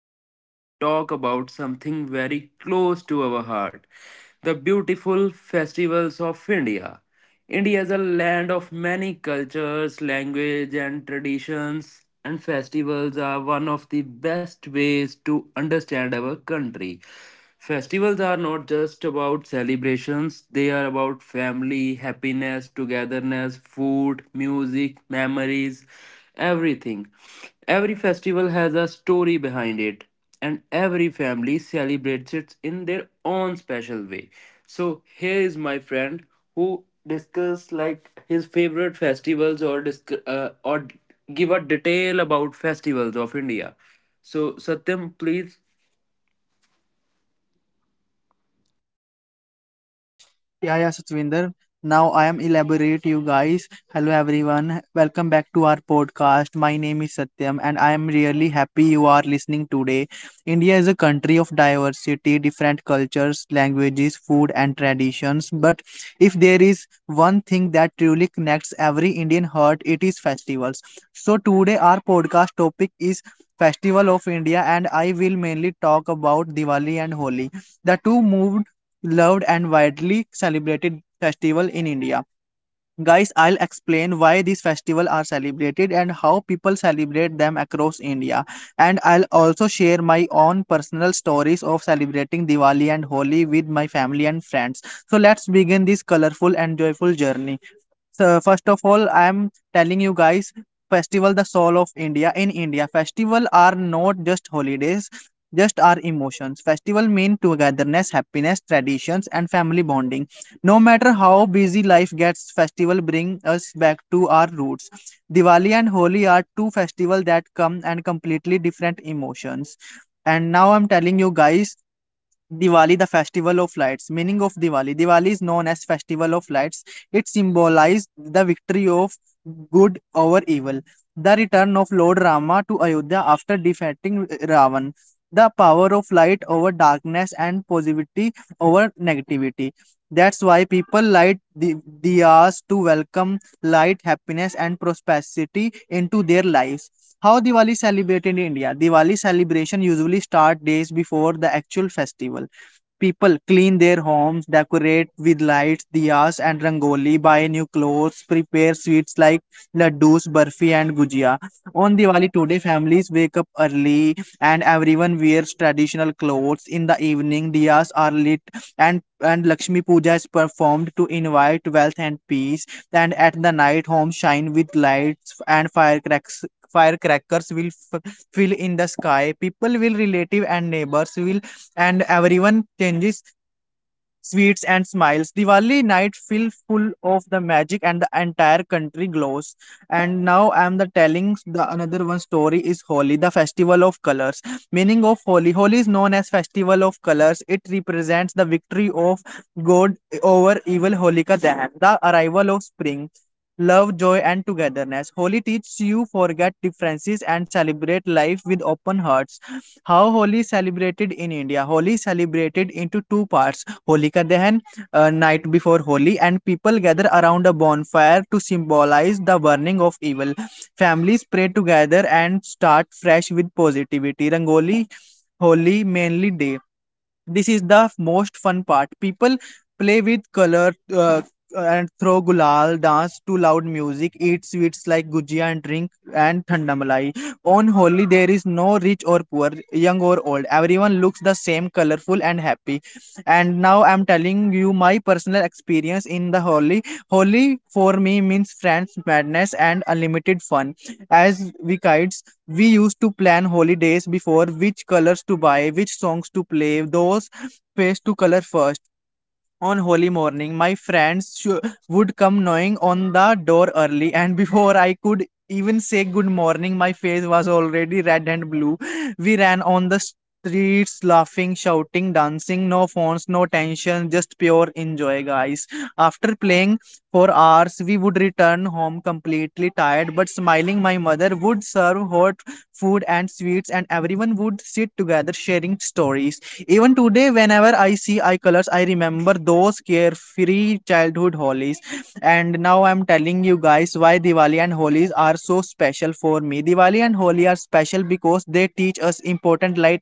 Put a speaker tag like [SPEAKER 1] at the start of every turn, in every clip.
[SPEAKER 1] Excited to talk about something very close to our heart, the beautiful festivals of India. India is a land of many cultures, language, and traditions, and festivals are one of the best ways to understand our country. Festivals are not just about celebrations, they are about family, happiness, togetherness, food, music, memories, everything. Every festival has a story behind it, and every family celebrates it in their own special way. So, here is my friend who discuss like his favorite festivals or or give a detail about festivals of India. So, Satyam, please.
[SPEAKER 2] Yeah, yeah, Satvinder. Now I am elaborate you guys. Hello everyone. Welcome back to our podcast. My name is Satyam and I am really happy you are listening today. India is a country of diversity, different cultures, languages, food and traditions. But if there is one thing that truly connects every Indian heart, it is festivals. So today our podcast topic is Festival of India, and I will mainly talk about Diwali and Holi. The two moved loved and widely celebrated festival in India. Guys, I'll explain why these festivals are celebrated and how people celebrate them across India. And I'll also share my own personal stories of celebrating Diwali and Holi with my family and friends. So let's begin this colorful and joyful journey. So first of all, I am telling you guys, festival the soul of India. In India, festival are not just holidays, just our emotions. Festival mean togetherness, happiness, traditions, and family bonding. No matter how busy life gets, festival bring us back to our roots. Diwali and Holi are two festivals that come and completely different emotions. And now I'm telling you guys Diwali, the festival of lights. Meaning of Diwali. Diwali is known as festival of lights. It symbolized the victory of good over evil, the return of Lord Rama to Ayodhya after defeating Ravan, the power of light over darkness and positivity over negativity. That's why people light the diyas to welcome light, happiness, and prosperity into their lives. How Diwali celebrated in India? Diwali celebration usually start days before the actual festival. People clean their homes, decorate with lights, diyas, and rangoli, buy new clothes, prepare sweets like laddus, burfi, and gujia. On Diwali today, families wake up early and everyone wears traditional clothes. In the evening, diyas are lit and Lakshmi Puja is performed to invite wealth and peace. And at the night, homes shine with lights and firecrackers. Firecrackers will f- fill in the sky. People will relative and neighbors will and everyone changes sweets, and smiles. Diwali night feel full of the magic and the entire country glows. And now I'm the telling the another one story is Holi, the festival of colors. Meaning of Holi. Holi is known as festival of colors. It represents the victory of God over evil Holika Dahan, the arrival of spring. Love, joy, and togetherness. Holi teaches you forget differences and celebrate life with open hearts. How Holi celebrated in India. Holi celebrated into two parts. Holika Dahan, night before Holi, and people gather around a bonfire to symbolize the burning of evil. Families pray together and start fresh with positivity. Rangoli Holi mainly day, this is the most fun part. People play with color, and throw gulal, dance to loud music, eat sweets like gujia, and drink and thanda malai. On holi there is no rich or poor, young or old, everyone looks the same, colorful and happy. And now I'm telling you my personal experience in the holi. Holi for me means friends, madness and unlimited fun. As we kids, we used to plan holidays before, which colors to buy, which songs to play, those face to color first. On holy morning, my friends would come knocking on the door early and before I could even say good morning, my face was already red and blue. We ran on the streets laughing, shouting, dancing. No phones, no tension, just pure enjoy guys. After playing for hours, we would return home completely tired but smiling. My mother would serve hot food and sweets, and everyone would sit together sharing stories. Even today, whenever I see eye colors, I remember those carefree childhood holies. And now I'm telling you guys why Diwali and Holies are so special for me. Diwali and Holi are special because they teach us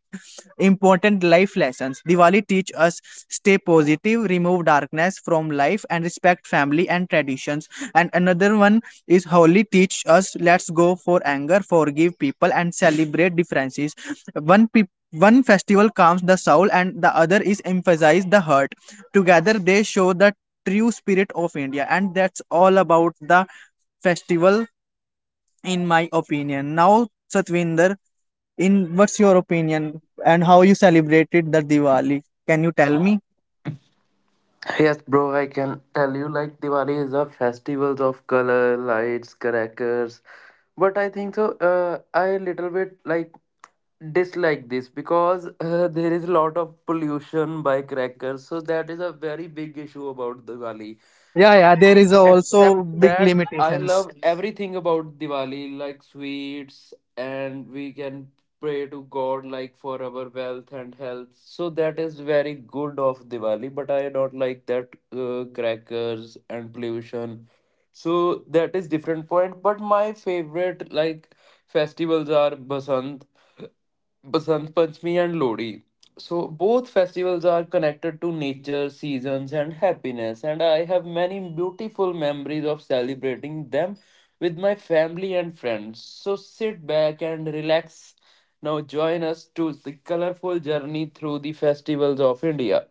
[SPEAKER 2] important life lessons. Diwali teach us stay positive, remove darkness from life and respect family and traditions. And another one is Holi teach us let's go for anger, forgive people and celebrate differences. One pe One festival calms the soul and the other is emphasize the heart. Together they show the true spirit of India and that's all about the festival in my opinion. Now Satvinder, in what's your opinion and how you celebrated the Diwali? Can you tell me?
[SPEAKER 1] Yes, bro, I can tell you like Diwali is a festival of color, lights, crackers. But I think so, I little bit like dislike this because there is a lot of pollution by crackers. So that is a very big issue about Diwali.
[SPEAKER 2] Yeah, yeah, there is
[SPEAKER 1] Except
[SPEAKER 2] also big
[SPEAKER 1] that I
[SPEAKER 2] limitations.
[SPEAKER 1] love everything about Diwali, like sweets, and we can pray to God like for our wealth and health. So that is very good of Diwali. But I don't like that crackers and pollution. So that is different point. But my favorite like festivals are Basant Panchami and Lodi. So both festivals are connected to nature, seasons, and happiness, and I have many beautiful memories of celebrating them with my family and friends. So sit back and relax. Now join us to the colorful journey through the festivals of India.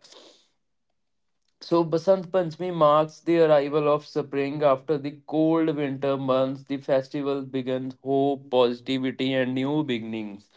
[SPEAKER 1] So Basant Panchami marks the arrival of spring after the cold winter months. The festival begins hope, positivity, and new beginnings.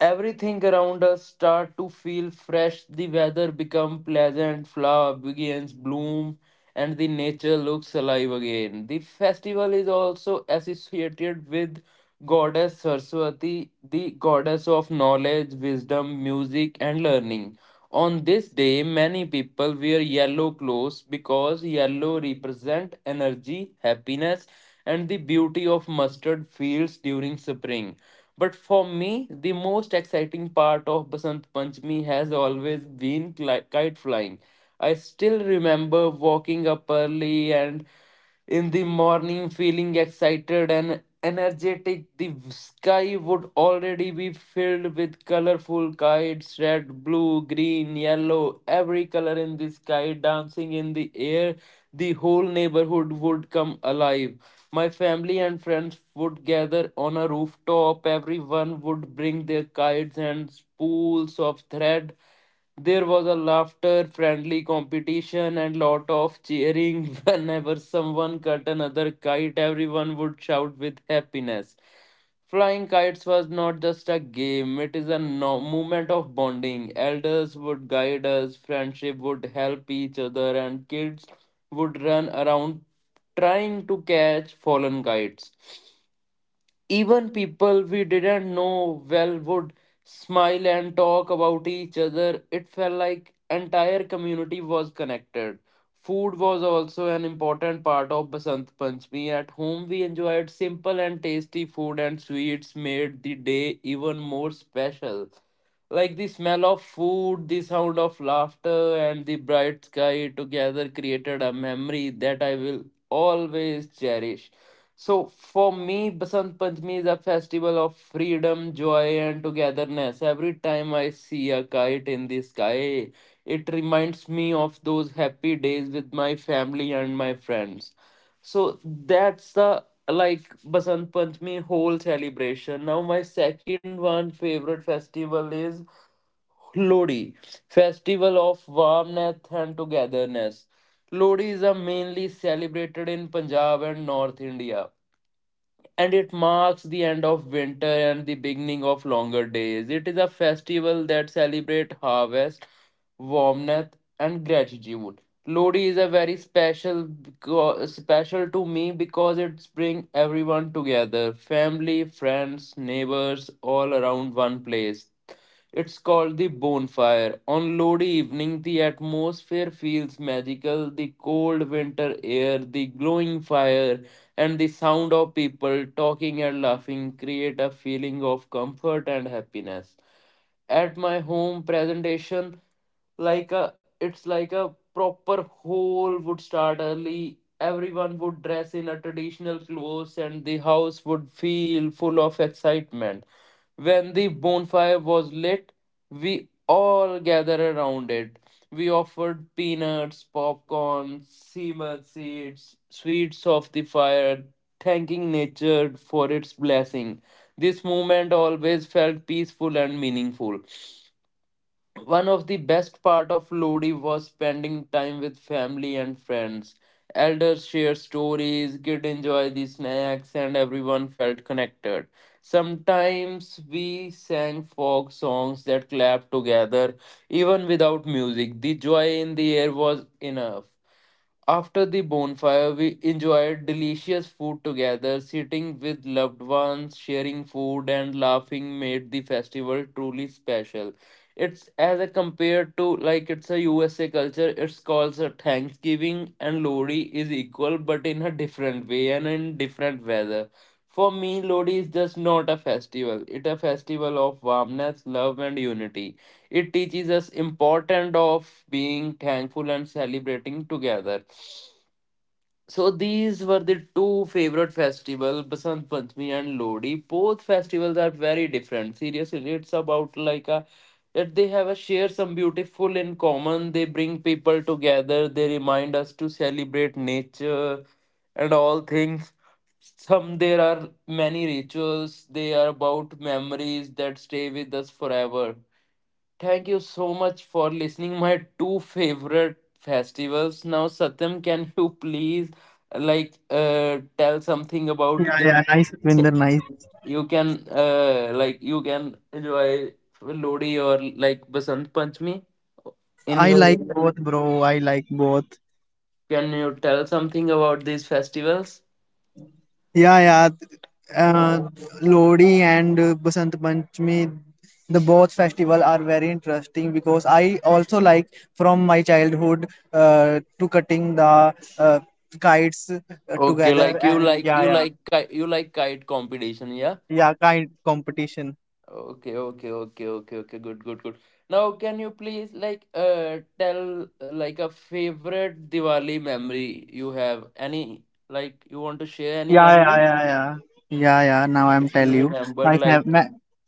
[SPEAKER 1] Everything around us start to feel fresh, the weather become pleasant, flower begins bloom, and the nature looks alive again. The festival is also associated with goddess Saraswati, the goddess of knowledge, wisdom, music, and learning. On this day, many people wear yellow clothes because yellow represent energy, happiness, and the beauty of mustard fields during spring. But for me, the most exciting part of Basant Panchami has always been kite flying. I still remember walking up early and in the morning feeling excited and energetic. The sky would already be filled with colorful kites, red, blue, green, yellow, every color in the sky dancing in the air. The whole neighborhood would come alive. My family and friends would gather on a rooftop. Everyone would bring their kites and spools of thread. There was a laughter, friendly competition, and lot of cheering. Whenever someone cut another kite, everyone would shout with happiness. Flying kites was not just a game, it is a moment of bonding. Elders would guide us, friendship would help each other, and kids would run around trying to catch fallen kites. Even people we didn't know well would smile and talk about each other. It felt like entire community was connected. Food was also an important part of Basant Panchami. At home, we enjoyed simple and tasty food, and sweets made the day even more special. Like the smell of food, the sound of laughter, and the bright sky together created a memory that I will always cherish. So, for me, Basant Panchami is a festival of freedom, joy, and togetherness. Every time I see a kite in the sky, it reminds me of those happy days with my family and my friends. So that's the like Basant Panchami whole celebration. Now my second one favorite festival is Lodi, festival of warmth and togetherness. Lodi is a mainly celebrated in Punjab and North India, and it marks the end of winter and the beginning of longer days. It is a festival that celebrates harvest, warmth, and gratitude. Lodi is a very special special to me because it brings everyone together, family, friends, neighbors, all around one place. It's called the bonfire. On Lodi evening, the atmosphere feels magical. The cold winter air, the glowing fire, and the sound of people talking and laughing create a feeling of comfort and happiness. At my home presentation, like a it's like a proper whole would start early. Everyone would dress in a traditional clothes and the house would feel full of excitement. When the bonfire was lit, we all gathered around it. We offered peanuts, popcorn, seamen seeds, sweets of the fire, thanking nature for its blessing. This moment always felt peaceful and meaningful. One of the best part of Lodi was spending time with family and friends. Elders shared stories, kids enjoyed the snacks, and everyone felt connected. Sometimes we sang folk songs that clapped together, even without music. The joy in the air was enough. After the bonfire, we enjoyed delicious food together, sitting with loved ones, sharing food and laughing made the festival truly special. It's as a compared to like it's a USA culture, it's called a Thanksgiving and Lodi is equal but in a different way and in different weather. For me, Lodi is just not a festival. It's a festival of warmness, love and unity. It teaches us important of being thankful and celebrating together. So these were the two favorite festival, Basant Panchami and Lodi. Both festivals are very different. Seriously, it's about like a that they have a share some beautiful in common. They bring people together. They remind us to celebrate nature and all things. Some there are many rituals. They are about memories that stay with us forever. Thank you so much for listening my two favorite festivals. Now, Satyam, can you please like tell something about
[SPEAKER 2] Yeah, yeah,
[SPEAKER 1] can
[SPEAKER 2] nice Satvinder, nice.
[SPEAKER 1] you can like you can enjoy Lodi or like Basant Panchami in
[SPEAKER 2] I
[SPEAKER 1] your,
[SPEAKER 2] like both, bro. I like both.
[SPEAKER 1] can you tell something about these festivals?
[SPEAKER 2] Yeah, yeah. Uh, Lodi and Basant Panchami, the both festival are very interesting because I also like from my childhood to cutting the kites
[SPEAKER 1] Okay,
[SPEAKER 2] together
[SPEAKER 1] like you
[SPEAKER 2] and
[SPEAKER 1] like
[SPEAKER 2] yeah,
[SPEAKER 1] you
[SPEAKER 2] yeah,
[SPEAKER 1] like you like kite competition, yeah?
[SPEAKER 2] yeah, kite competition.
[SPEAKER 1] Okay, okay, okay, okay, okay. Good, good, good. Now, can you please like tell like a favorite Diwali memory you have? Any like you want to share any
[SPEAKER 2] Yeah, yeah,
[SPEAKER 1] memory?
[SPEAKER 2] yeah, yeah. Yeah, yeah. Now I'm
[SPEAKER 1] If
[SPEAKER 2] tell
[SPEAKER 1] you
[SPEAKER 2] you.
[SPEAKER 1] remember,
[SPEAKER 2] My
[SPEAKER 1] like
[SPEAKER 2] fav my,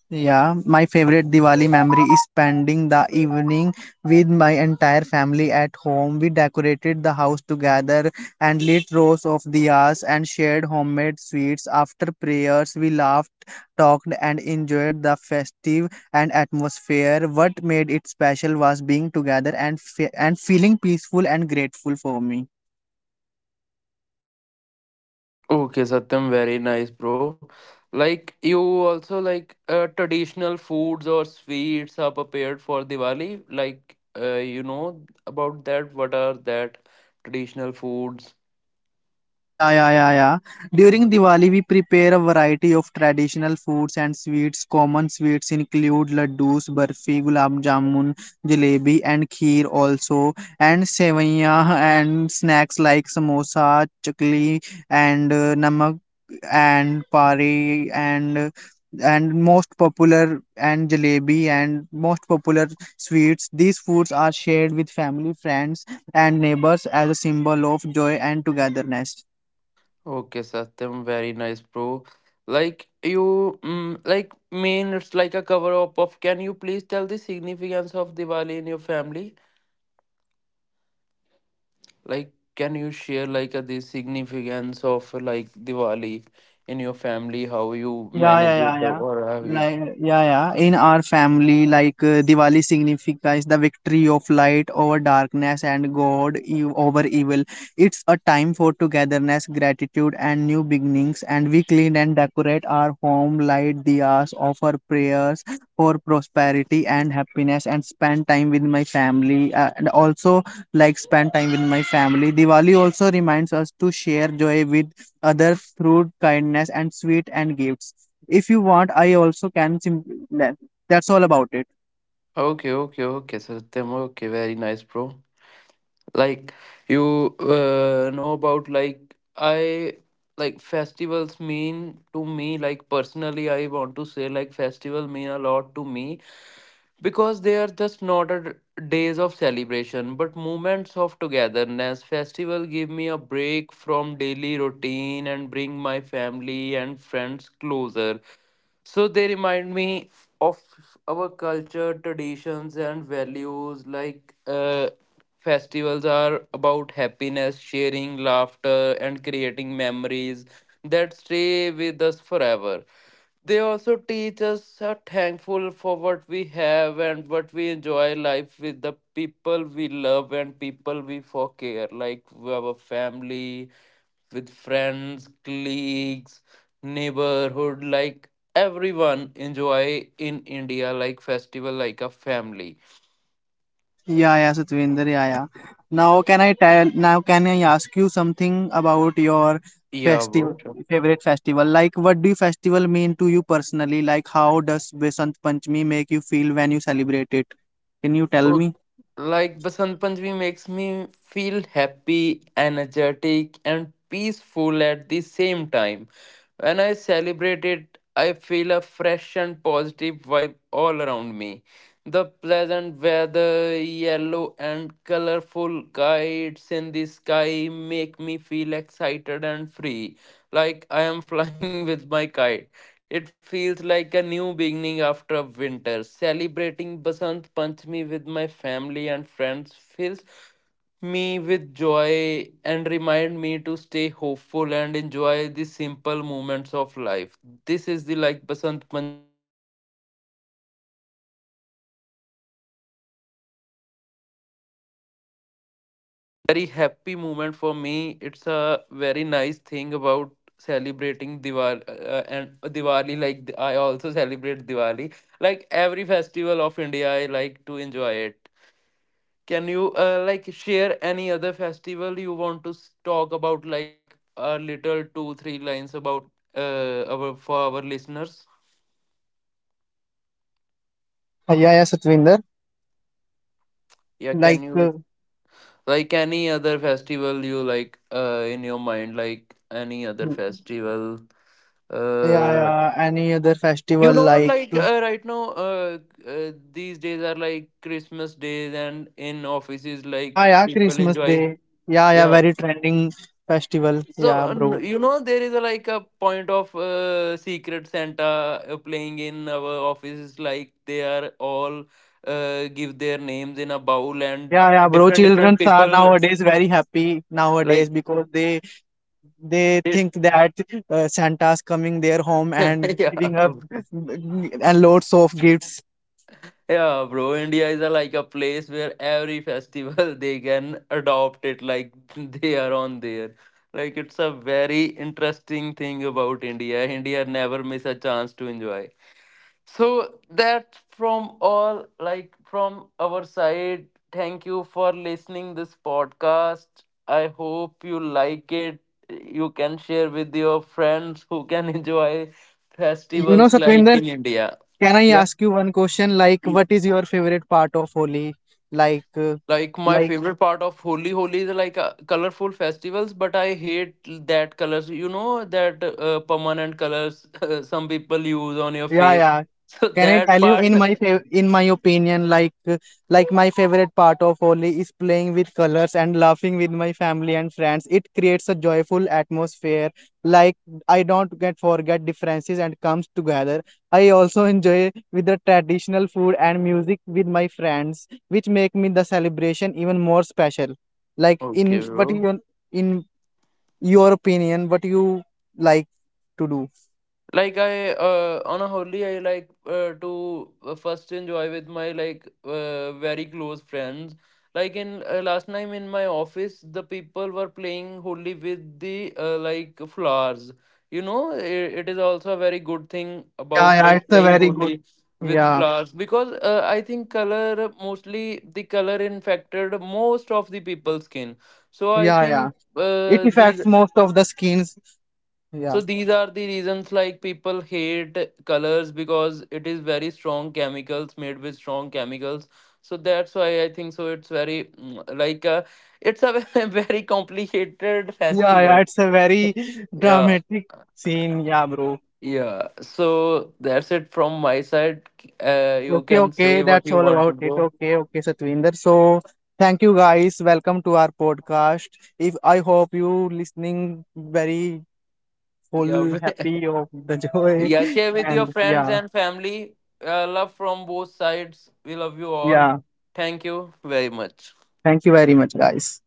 [SPEAKER 2] yeah, my favorite Diwali memory is spending the evening with my entire family at home. We decorated the house together and lit rows of diyas and shared homemade sweets. After prayers, we laughed, talked, and enjoyed the festive and atmosphere. What made it special was being together and fe and feeling peaceful and grateful for me.
[SPEAKER 1] okay, Satyam, very nice, bro. Like you also like traditional foods or sweets are prepared for Diwali. Like you know about that? What are that traditional foods?
[SPEAKER 2] Yeah, yeah, yeah, yeah. During Diwali, we prepare a variety of traditional foods and sweets. Common sweets include laddus, barfi, gulab jamun, jalebi, and kheer also, and sevaiya, and snacks like samosa, chakli, and namak, and pari, and most popular and jalebi and most popular sweets. These foods are shared with family, friends, and neighbors as a symbol of joy and togetherness.
[SPEAKER 1] Okay, Satyam, very nice, bro. Like you, mm, like mean it's like a cover up of. Can you please tell the significance of Diwali in your family? Like, can you share like the significance of like Diwali in your family? How you
[SPEAKER 2] Yeah, yeah,
[SPEAKER 1] manage it
[SPEAKER 2] yeah, yeah.
[SPEAKER 1] or how you?
[SPEAKER 2] Like, yeah, yeah. In our family, like Diwali signifies the victory of light over darkness and over evil. It's a time for togetherness, gratitude, and new beginnings. And we clean and decorate our home, light diyas, offer prayers for prosperity and happiness, and spend time with my family. And also, like, spend time with my family. Diwali also reminds us to share joy with others through kindness and sweet and gifts. If you want, I also can. That's all about it.
[SPEAKER 1] Okay, okay, okay, Satyam. Okay, very nice, bro. Like you know about like I like festivals mean to me, like personally I want to say like festival mean a lot to me because they are just not a days of celebration but moments of togetherness. Festival give me a break from daily routine and bring my family and friends closer, so they remind me of our culture, traditions, and values. Like festivals are about happiness, sharing laughter, and creating memories that stay with us forever. They also teach us are thankful for what we have and what we enjoy life with the people we love and people we for care, like our family, with friends, colleagues, neighborhood, like everyone enjoy in India like festival like a family.
[SPEAKER 2] Yeah, yeah, Satvinder, yeah, yeah. Now, can I tell? Now, can I ask you something about your
[SPEAKER 1] Yeah,
[SPEAKER 2] festival,
[SPEAKER 1] bro.
[SPEAKER 2] favorite festival? Like, what do festival mean to you personally? Like, how does Vasant Panchami make you feel when you celebrate it? Can you tell
[SPEAKER 1] Oh,
[SPEAKER 2] me?
[SPEAKER 1] like Basant Panchami makes me feel happy, energetic, and peaceful at the same time. When I celebrate it, I feel a fresh and positive vibe all around me. The pleasant weather, yellow and colorful kites in the sky make me feel excited and free, like I am flying with my kite. It feels like a new beginning after a winter. Celebrating Basant Panchami with my family and friends fills me with joy and remind me to stay hopeful and enjoy the simple moments of life. This is the like Basant Panchami. Very happy moment for me. It's a very nice thing about celebrating Diwali and Diwali. Like I also celebrate Diwali. Like every festival of India, I like to enjoy it. Can you like share any other festival you want to talk about? Like a little 2 3 lines about our for our listeners.
[SPEAKER 2] Yeah, yeah, Satvinder.
[SPEAKER 1] Yeah, can
[SPEAKER 2] Like,
[SPEAKER 1] you like any other festival you like in your mind? Like any other
[SPEAKER 2] mm,
[SPEAKER 1] festival.
[SPEAKER 2] yeah,
[SPEAKER 1] Uh,
[SPEAKER 2] yeah, any other festival?
[SPEAKER 1] you know
[SPEAKER 2] Like,
[SPEAKER 1] like right now these days are like Christmas days and in offices
[SPEAKER 2] yeah,
[SPEAKER 1] like
[SPEAKER 2] yeah,
[SPEAKER 1] people
[SPEAKER 2] Christmas
[SPEAKER 1] enjoy,
[SPEAKER 2] Day. Yeah, yeah,
[SPEAKER 1] yeah.
[SPEAKER 2] very trending festival.
[SPEAKER 1] So
[SPEAKER 2] Yeah, bro.
[SPEAKER 1] you know there is a, like a point of Secret Santa playing in our offices. Like they are all give their names in a bowl and
[SPEAKER 2] Yeah, yeah, bro.
[SPEAKER 1] different
[SPEAKER 2] Children
[SPEAKER 1] different
[SPEAKER 2] are
[SPEAKER 1] people,
[SPEAKER 2] nowadays very happy nowadays
[SPEAKER 1] like
[SPEAKER 2] because they think that Santa's coming their home and
[SPEAKER 1] yeah.
[SPEAKER 2] giving up and loads of gifts.
[SPEAKER 1] Yeah, bro, India is a, like a place where every festival they can adopt it, like they are on there. Like it's a very interesting thing about India. India never miss a chance to enjoy. So that from all like from our side, thank you for listening this podcast. I hope you like it. You can share with your friends who can enjoy
[SPEAKER 2] You know,
[SPEAKER 1] festivals like
[SPEAKER 2] Satwinder,
[SPEAKER 1] in India.
[SPEAKER 2] can I
[SPEAKER 1] Yeah.
[SPEAKER 2] ask you one question? Like, what is your favorite part of Holi? Like, uh,
[SPEAKER 1] Like my
[SPEAKER 2] like
[SPEAKER 1] favorite part of Holi, Holi is like colorful festivals, but I hate that colors. You know that permanent colors some people use on your
[SPEAKER 2] Yeah,
[SPEAKER 1] face.
[SPEAKER 2] yeah.
[SPEAKER 1] So
[SPEAKER 2] Can I
[SPEAKER 1] that
[SPEAKER 2] tell you
[SPEAKER 1] part.
[SPEAKER 2] in my fav in my opinion, like my favorite part of Holi is playing with colors and laughing with my family and friends. It creates a joyful atmosphere. Like I don't get forget differences and comes together. I also enjoy with the traditional food and music with my friends, which make me the celebration even more special. Like in
[SPEAKER 1] Okay,
[SPEAKER 2] what
[SPEAKER 1] bro.
[SPEAKER 2] you in your opinion, what you like to do?
[SPEAKER 1] Like I on a holiday I like to first enjoy with my like very close friends. Like in last time in my office the people were playing holy with the like flowers. You know it is also a very good thing
[SPEAKER 2] Yeah,
[SPEAKER 1] about
[SPEAKER 2] yeah,
[SPEAKER 1] like
[SPEAKER 2] it's a
[SPEAKER 1] playing
[SPEAKER 2] very
[SPEAKER 1] holy
[SPEAKER 2] good.
[SPEAKER 1] with
[SPEAKER 2] Yeah.
[SPEAKER 1] flowers because I think color mostly the color infected most of the people's skin. So I
[SPEAKER 2] Yeah, yeah.
[SPEAKER 1] think
[SPEAKER 2] It
[SPEAKER 1] these
[SPEAKER 2] affects most of the skins. Yeah.
[SPEAKER 1] so these are the reasons like people hate colors because it is very strong chemicals made with strong chemicals. So that's why I think so. It's very like it's a very complicated
[SPEAKER 2] Yeah, yeah.
[SPEAKER 1] festival.
[SPEAKER 2] It's a very
[SPEAKER 1] Yeah,
[SPEAKER 2] dramatic scene. Yeah, bro.
[SPEAKER 1] yeah. So that's it from my side. You
[SPEAKER 2] Okay,
[SPEAKER 1] can say
[SPEAKER 2] okay.
[SPEAKER 1] what
[SPEAKER 2] That's
[SPEAKER 1] you
[SPEAKER 2] all
[SPEAKER 1] want to
[SPEAKER 2] about it.
[SPEAKER 1] go.
[SPEAKER 2] Okay, okay, Satvinder. So, thank you guys. Welcome to our podcast. If I hope you listening very full,
[SPEAKER 1] Yeah,
[SPEAKER 2] happy of the joy.
[SPEAKER 1] yeah. Share with your
[SPEAKER 2] And
[SPEAKER 1] friends
[SPEAKER 2] yeah,
[SPEAKER 1] and family. Love from both sides. We love you all.
[SPEAKER 2] yeah.
[SPEAKER 1] Thank you very much.
[SPEAKER 2] Thank you very much, guys.